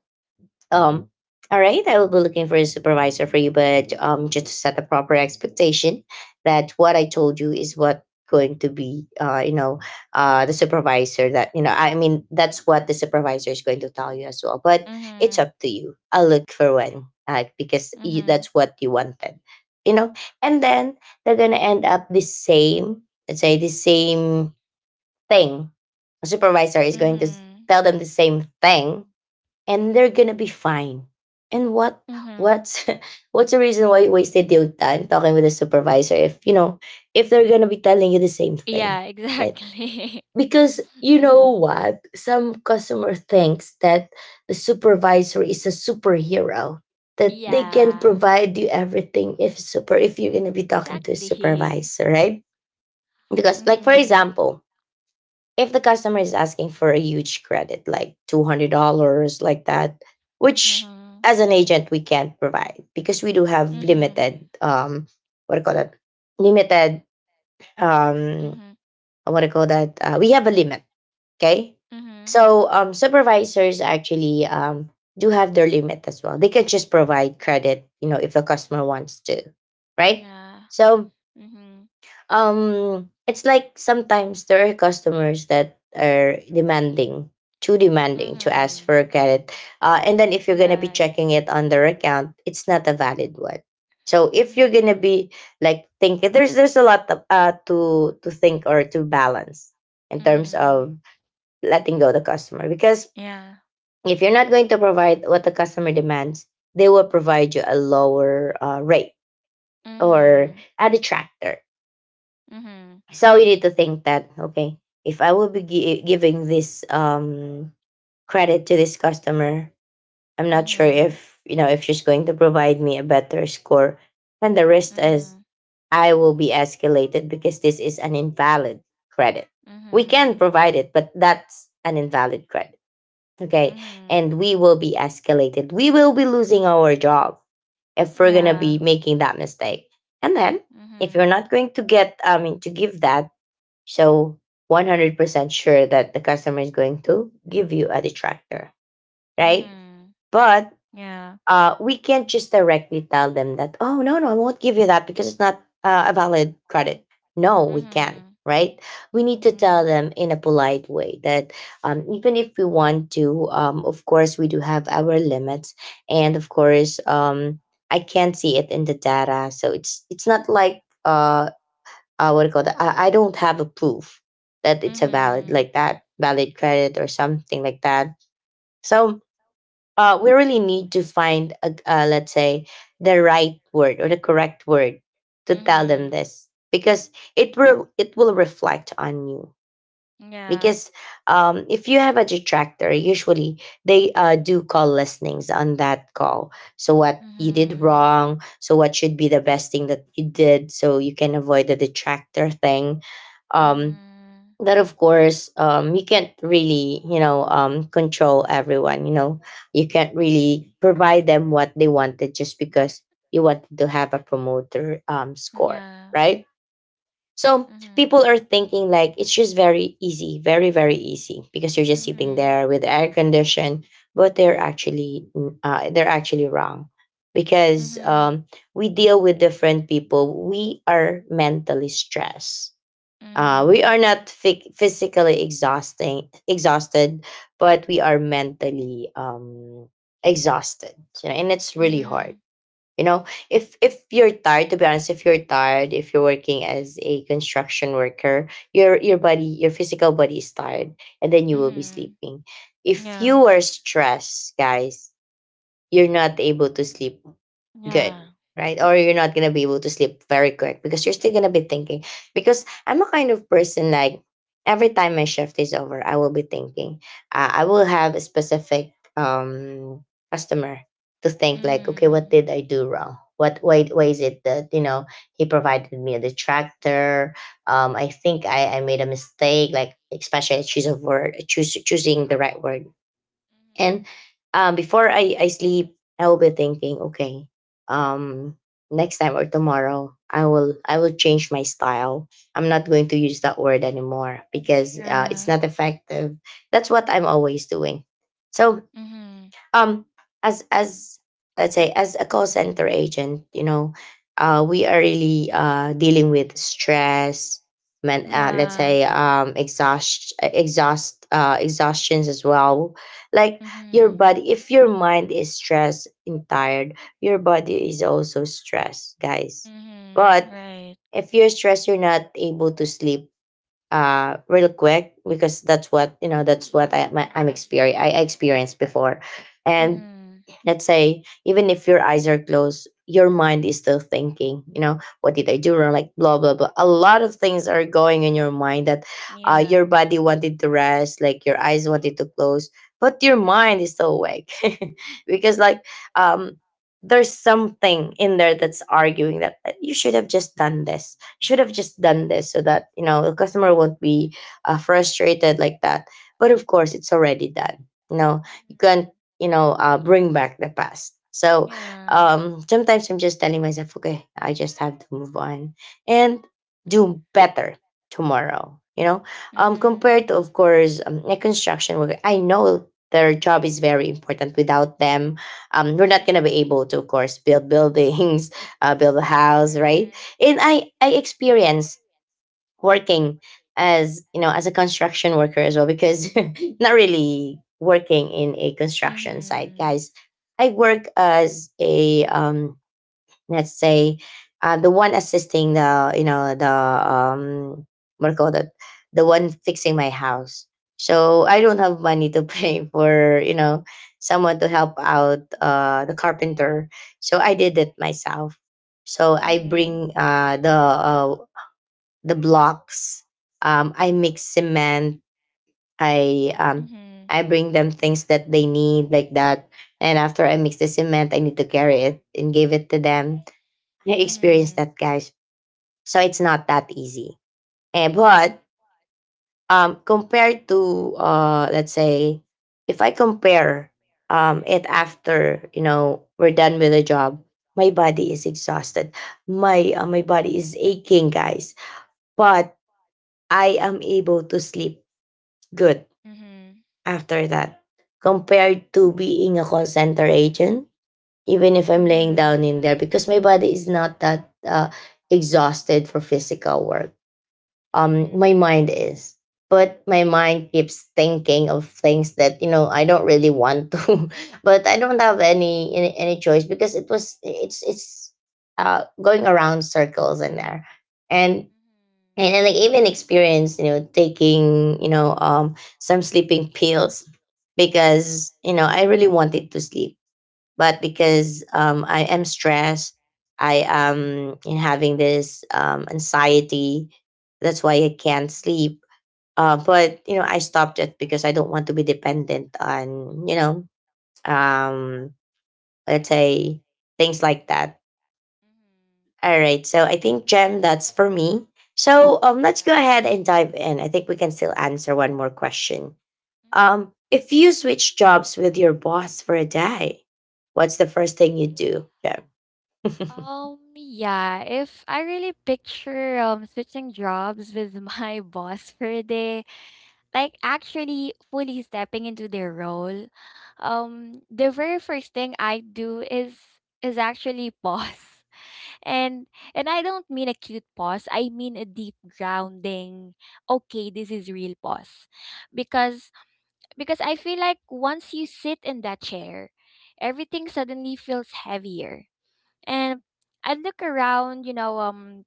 um, all right, I will be looking for a supervisor for you, but just to set a proper expectation that what I told you is what going to be, you know, the supervisor that you know. I mean, that's what the supervisor is going to tell you as well. But it's Mhm. up to you. I'll look for one, because you, Mhm. that's what you wanted, you know. And then they're gonna end up the same. Let's say the same thing. Supervisor is going to Mhm. tell them the same thing, and they're gonna be fine. And Mhm. what's what's the reason why you wasted your time talking with a supervisor if you know if they're gonna be telling you the same thing, Yeah. right? Exactly. Because you know Mhm. what, some customer thinks that the supervisor is a superhero that they can Yeah. provide you everything if super if you're gonna be talking to a Exactly. supervisor, right? Because like for Mhm. example, if the customer is asking for a huge credit, like $200, like that, which Mhm. as an agent we can't provide because we do have Mhm. limited, what do you call that? Limited, um, Mhm. what do you call that? We have a limit, okay? Mhm. So supervisors actually do have their limit as well. They can just provide credit, you know, if the customer wants to, right? Yeah. So Mhm. It's like sometimes there are customers that are demanding, too demanding to ask Mhm. for a credit, and then if you're going to be Right. checking it on their account, it's not a valid one. So if you're going to Mhm. be like thinking, there's a lot of, to think or to balance in terms Mhm. of letting go the customer, because Yeah. if you're not going to provide what the customer demands, they will provide you a lower, rate, or Mhm. a detractor. Mhm. So you need to think that okay, if I will be giving this credit to this customer, I'm not sure Mhm. if you know if she's going to provide me a better score. And the rest is Mhm. I will be escalated because this is an invalid credit. We can Mhm. provide it, but that's an invalid credit. Okay. Mhm. And we will be escalated. We will be losing our job if we're gonna be Yeah. making that mistake. And then if you're Mhm. not going to get, I mean, to give that, so 100% sure that the customer is going to give you a detractor, right? Mhm. But Yeah. We can't just directly tell them that, oh, no, no, I won't give you that because it's not a valid credit. No, we can't, Mhm. right? We need to tell Mhm. them in a polite way that, even if we want to, of course, we do have our limits. And of course, I can't see it in the data. So it's not like, what do you call that? I don't have a proof that it's a valid, Mhm. like that valid credit or something like that. So we really need to find a, let's say the right word or the correct word to tell them Mhm. this, because it will reflect on you, Yeah. because if you have a detractor, usually they, do call listenings on that call, so what you did Mhm. wrong, so what should be the best thing that you did, so you can avoid the detractor thing. um Mhm. that of course, you can't really, you know, control everyone, you know. You can't really provide them what they wanted just because you wanted to have a promoter score, Yeah. right? So people Mhm. are thinking like it's just very easy, very, very easy, because you're just sitting Mhm. there with the air condition, but they're actually they're actually wrong, because Mhm. We deal with different people. We are mentally stressed. We are Mhm. not physically exhausting exhausted, but we are mentally exhausted, you know, and it's really hard, Mhm. you know. If you're tired, to be honest, if you're tired, if you're working as a construction worker, your body, your physical body is tired, and then you will be Mhm. sleeping. If you Yeah. are stressed, guys, you're not able to sleep good, Yeah. right? Or you're not going to be able to sleep very quick because you're still going to be thinking, because I'm a kind of person like every time my shift is over, I will be thinking, I will have a specific customer to think, like okay, what Mhm. did I do wrong, what why is it that, you know, he provided me a detractor. I think I made a mistake, like especially I choose a word, choose choosing the right word. And before I sleep, I will be thinking, okay, um, next time or tomorrow, I will change my style. I'm not going to Mhm. use that word anymore because Mhm. it's not effective. That's what I'm always doing. So Mhm. um as let's say, as a call center agent, you know, we are really dealing with stress, men. Let's Yeah. say exhaustions as well. Like, your Mhm. body, if your mind is stressed and tired, your body is also stressed, guys. But Mhm. Right. if you're stressed, you're not able to sleep real quick, because that's what, you know, that's what I, my, I'm experience I experienced before. And Mhm. let's say even if your eyes are closed, your mind is still thinking, you know, what did I do wrong, like blah blah blah. A lot of things are going in your mind that your Yeah. body wanted to rest, like your eyes wanted to close, but your mind is still awake. Because, like, um there's something in there that's arguing that you should have just done this, you should have just done this, so that, you know, the customer won't be frustrated like that. But of course, it's already done. You know, you can't, bring back the past. So sometimes I'm just telling myself, okay, I just have to move on and do better tomorrow, you know. Mhm. Compared to, of course, a construction worker, I know their job is very important. Without them, we're not going to be able to, of course, build buildings. Build a house, right? And I experience working, as you know, as a construction worker as well, because not really working in a construction site, Mhm. guys. I work as a let's say the one assisting the, you know, the what do you call that, the one fixing my house. So I don't have money to pay for, you know, someone to help out, the carpenter. So I did it myself. So I Mhm. bring the blocks. I mix cement. I um, I bring them things that they need, like that. And after I mix the cement, I need to carry it and give it to them. I Mhm. experienced that, guys. So it's not that easy. Eh, but compared to, let's say, if I compare, it after, you know, we're done with the job, my body is exhausted. My my body is aching, guys. But I am able to sleep good Mhm. after that, compared to being a call center agent, even if Mhm. I'm laying Mhm. down in there, because my body is not that exhausted for physical work. My Mhm. mind is, but my mind keeps thinking of things that, you know, I don't really want to, but I don't have Uh, any choice, because it's going around circles in there. and mhm. and then, like, even experience, you know, taking, you know, some sleeping pills, because, you know, I really wanted to sleep. But Mhm. because I am stressed, I am in having this anxiety, that's why I can't sleep. But, you know, I stopped it because I don't want to be dependent on, you know, um let's say, things like that. Mhm. Mhm. All right. So I think, Jem, that's for me. So let's go Yeah. ahead and dive in. I think we can still answer one more question. Mhm. If you switch jobs with your boss for a day, what's the first thing you do, Jem? Yeah, if I really picture switching jobs with my boss for a day, like actually fully stepping into their role, the very first thing I do is actually pause. and and I don't mean a cute pause, I mean a deep, grounding, okay, this is real pause, because I feel like once you sit in that chair, everything suddenly feels heavier. And I look around,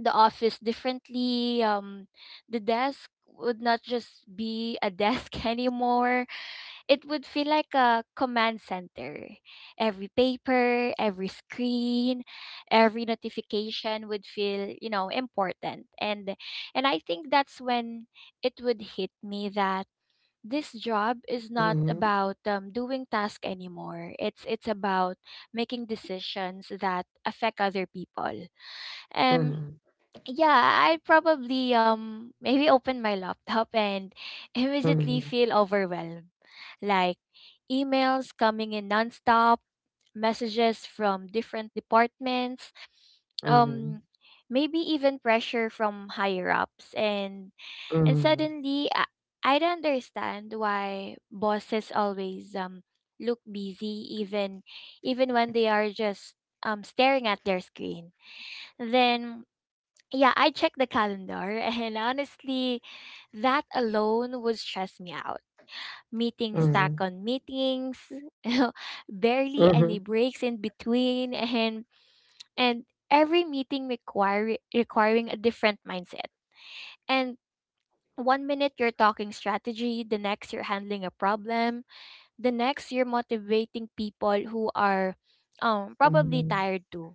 the office differently. The desk would not just be a desk anymore. It would feel like a command center. Every paper, every screen, every notification would feel important. And I think that's when it would hit me that this job is not Mm-hmm, about, doing task anymore. It's about making decisions that affect other people. Um mm-hmm, yeah, I'd probably maybe open my laptop and immediately feel overwhelmed. Like emails coming in nonstop, messages from different departments, mm-hmm, um maybe even pressure from higher ups, and mm-hmm, suddenly I'd understand why bosses always look busy even when they are just staring at their screen. Then yeah, I checked the calendar, and honestly, that alone would stress me out. Meetings mm-hmm, stack on meetings, barely any breaks in between, and every meeting require requiring a different mindset. And one minute you're talking strategy, the next you're handling a problem, the next you're motivating people who are probably mm-hmm, tired too.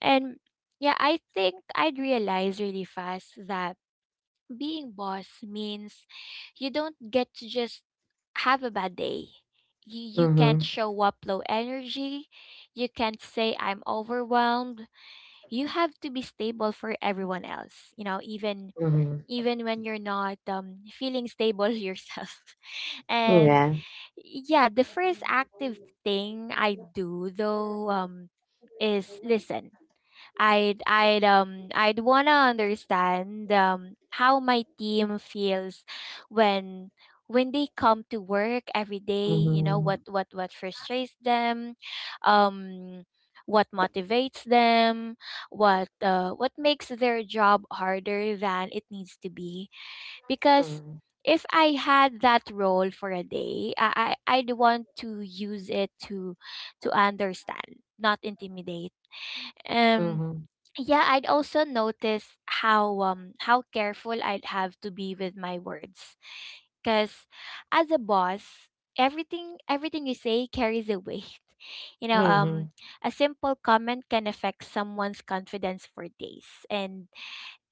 And yeah, I think I'd realize really fast that being boss means you don't get to just have a bad day. You can't mm-hmm, show up low energy. You can't say, I'm overwhelmed. You have to be stable for everyone else, you know, mm-hmm. even when you're not feeling stable yourself. And Yeah. yeah, the first active thing I do though, is listen. I'd wanna understand how my team feels when when they come to work every day, you know, Mm-hmm, what frustrates them, um what motivates them, what makes their job harder than it needs to be. Because if I had that role for a day, I'd want to use it to understand, not intimidate. Um mm-hmm, yeah, I'd also notice how careful I'd have to be with my words, because as a boss, everything you say carries a weight. you know mm-hmm, um a simple comment can affect someone's confidence for days,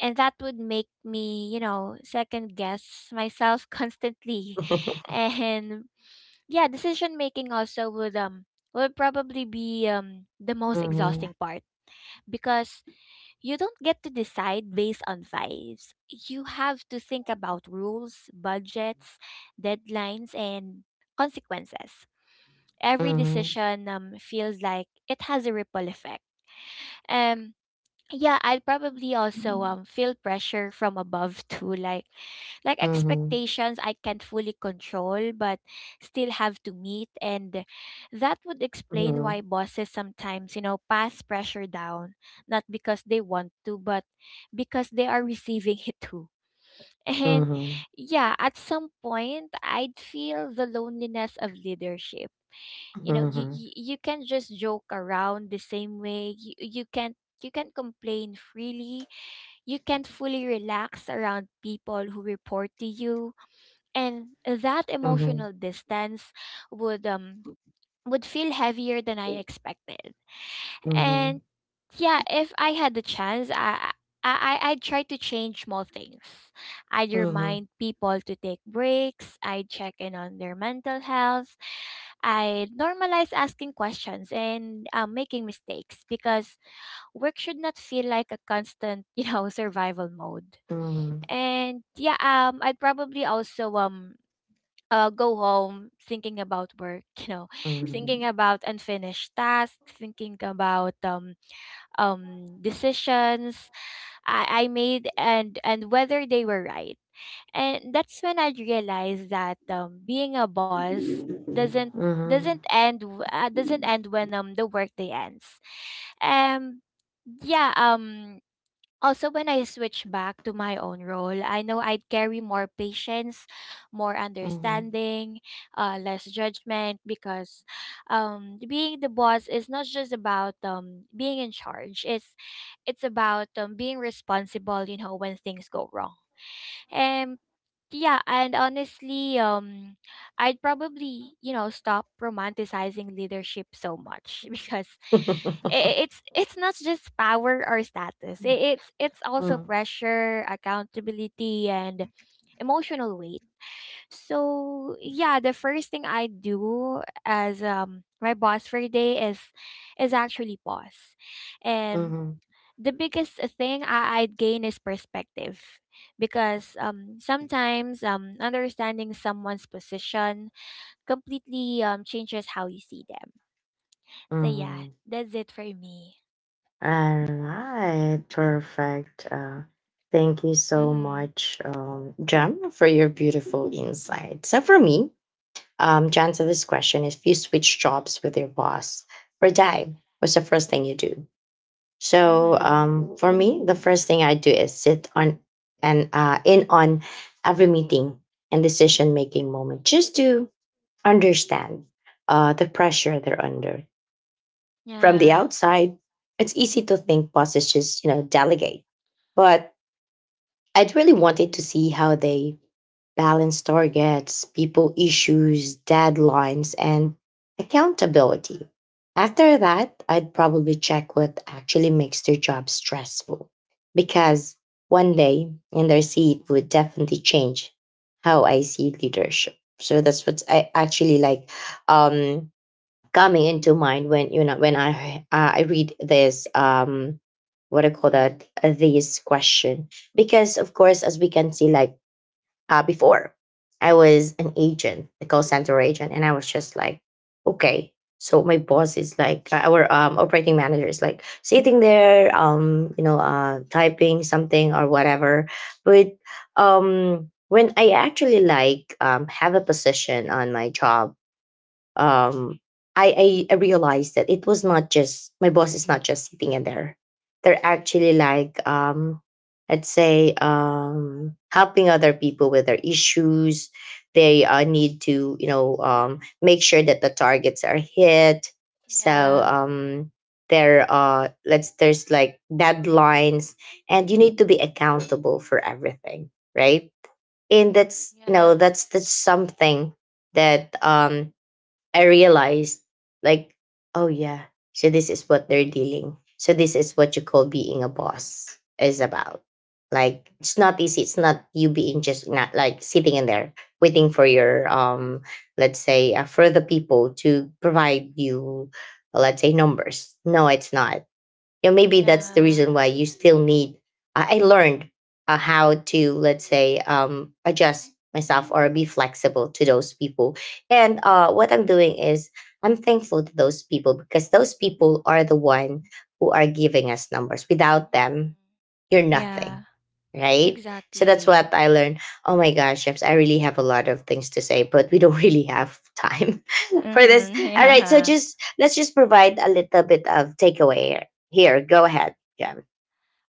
and that would make me, you know, second guess myself constantly. And yeah, decision making also would probably be the most mm-hmm, exhausting part, because you don't get to decide based on vibes. You have to think about rules, budgets, deadlines, and consequences. Every mm-hmm, decision feels like it has a ripple effect. Um, yeah, I'd probably also feel pressure from above too, like expectations I can't fully control but still have to meet, and that would explain why mm-hmm, bosses sometimes, you know, pass pressure down, not because they want to, but because they are receiving it too. And mm-hmm. yeah, at some point I'd feel the loneliness of leadership. You know, you, Mhm, you you can't just joke around the same way. You can't complain freely. You can't fully relax around people who report to you, and that mhm, emotional distance would um would feel heavier than I expected. And mhm, yeah, if I had the chance, I'd try to change small things. I'd mhm, remind people to take breaks. I'd check in on their mental health. I'd normalize asking questions and making mistakes, because work should not feel like a constant, you know, survival mode. mhm, And yeah, I'd probably also go home thinking about work, you know, thinking mhm, about unfinished tasks, thinking about decisions I made, and whether they were right. And that's when I realized that being a boss doesn't mhm, doesn't end when the workday ends. Um yeah, also, when I switch back to my own role, I know I'd carry more patience, more mhm. understanding, less judgment, because being the boss is not just about being in charge. It's about being responsible, you know, when things go wrong. And yeah, and honestly, I'd probably, you know, stop romanticizing leadership so much, because it's not just power or status. It's also Mm, pressure, accountability, and emotional weight. So yeah, the first thing I do as my boss for a day is actually pause, and mhm, the biggest thing I'd gain is perspective, because sometimes understanding someone's position completely changes how you see them. So, yeah, mhm. that's it for me. All right, perfect. Thank you so Mm-hmm. much, Jem, for your beautiful insight. So, for me, Jen, to this question, if you switch jobs with your boss for a day, what's the first thing you do? So Mm-hmm. For me, the first thing I do is sit on and in on every meeting and decision making moment, just to understand the pressure they're under. From the Yeah. outside, it's easy to think bosses just, you know, delegate, but I'd really wanted to see how they balance targets, people issues, deadlines, and accountability. After that, I'd probably check what actually makes their job stressful. Because one day in their seat would definitely change how I see leadership. So that's what I actually like, um, coming into mind when, you know, when I read this, what I call that, this question, because of course, as we can see, like, before. I was an agent, a call center agent, and I was just like, okay. So my boss is like, our operating manager is like sitting there, you know, typing something or whatever. But when I actually like, have a position on my job, um, I realized that it was not just, my boss is not just sitting in there. They're actually like, I'd say, helping other people with their issues. They need to, you know, make sure that the targets are hit. So Yeah. um, there let's, there's like deadlines, and you need to be accountable for everything, right? And that's, you know, Yeah. That's something that I realized, like, oh yeah, so this is what they're dealing. So this is what you call being a boss is about. Like, it's not easy. It's not you being, just not like sitting in there waiting for your, let's say, for the people to provide you, let's say, numbers. No, it's not, you know, maybe that's the reason why Yeah. you still need. I learned how to, let's say, adjust myself or be flexible to those people. And what I'm doing is I'm thankful to those people, because those people are the one who are giving us numbers. Without them, Mm-hmm. you're nothing, Yeah. right? So that's what Exactly. I learned. Oh my gosh, James, I really have a lot of things to say, but we don't really have time for this. Mm-hmm. All right, so Yeah. just, let's just provide a little bit of takeaway here. Here, go ahead,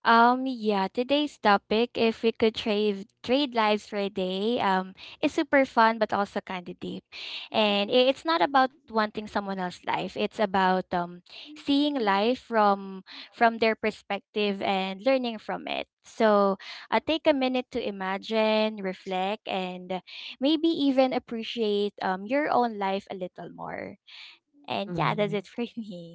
Yeah, today's topic, if we could trade lives for a day, is super fun but also kind of deep. And it's not about wanting someone else's life. It's about seeing life from their perspective and learning from it. So, take a minute to imagine, reflect, and maybe even appreciate your own life a little more. And yeah, that's it James. for me.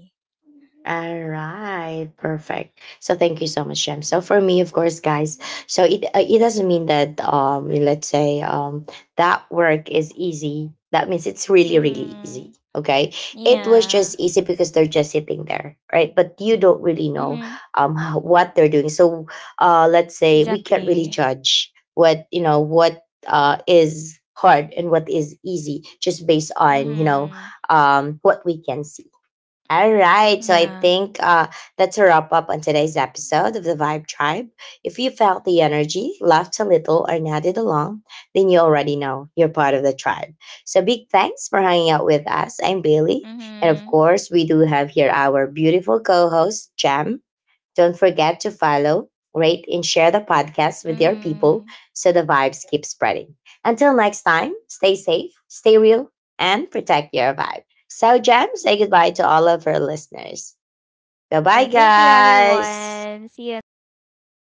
All right, perfect. So thank you so much, Jem. So for me, of course, guys. So it, it doesn't mean that, let's say, that work is easy. That means it's really really Mhm. easy. Okay, it Yeah. was just easy because they're just sitting there, right? But you don't really Mhm. know what they're doing. So let's say we can't really Exactly. judge what, you know, what is hard and what is easy, just based on, you know, Mhm. What we can see. All right. So Yeah. I think, that's a wrap up on today's episode of the Vibe Tribe. If you felt the energy, laughed a little, or nodded along, then you already know you're part of the tribe. So big thanks for hanging out with us. I'm Bailey. And Mhm. of course, we do have here our beautiful co host, Jam. Don't forget to follow, rate, and share the podcast with your Mhm. people so the vibes keep spreading. Until next time, stay safe, stay real, and protect your vibe. So, Jam, say goodbye to all of our listeners. Bye Yeah, bye, thank you guys. everyone. See you next episode.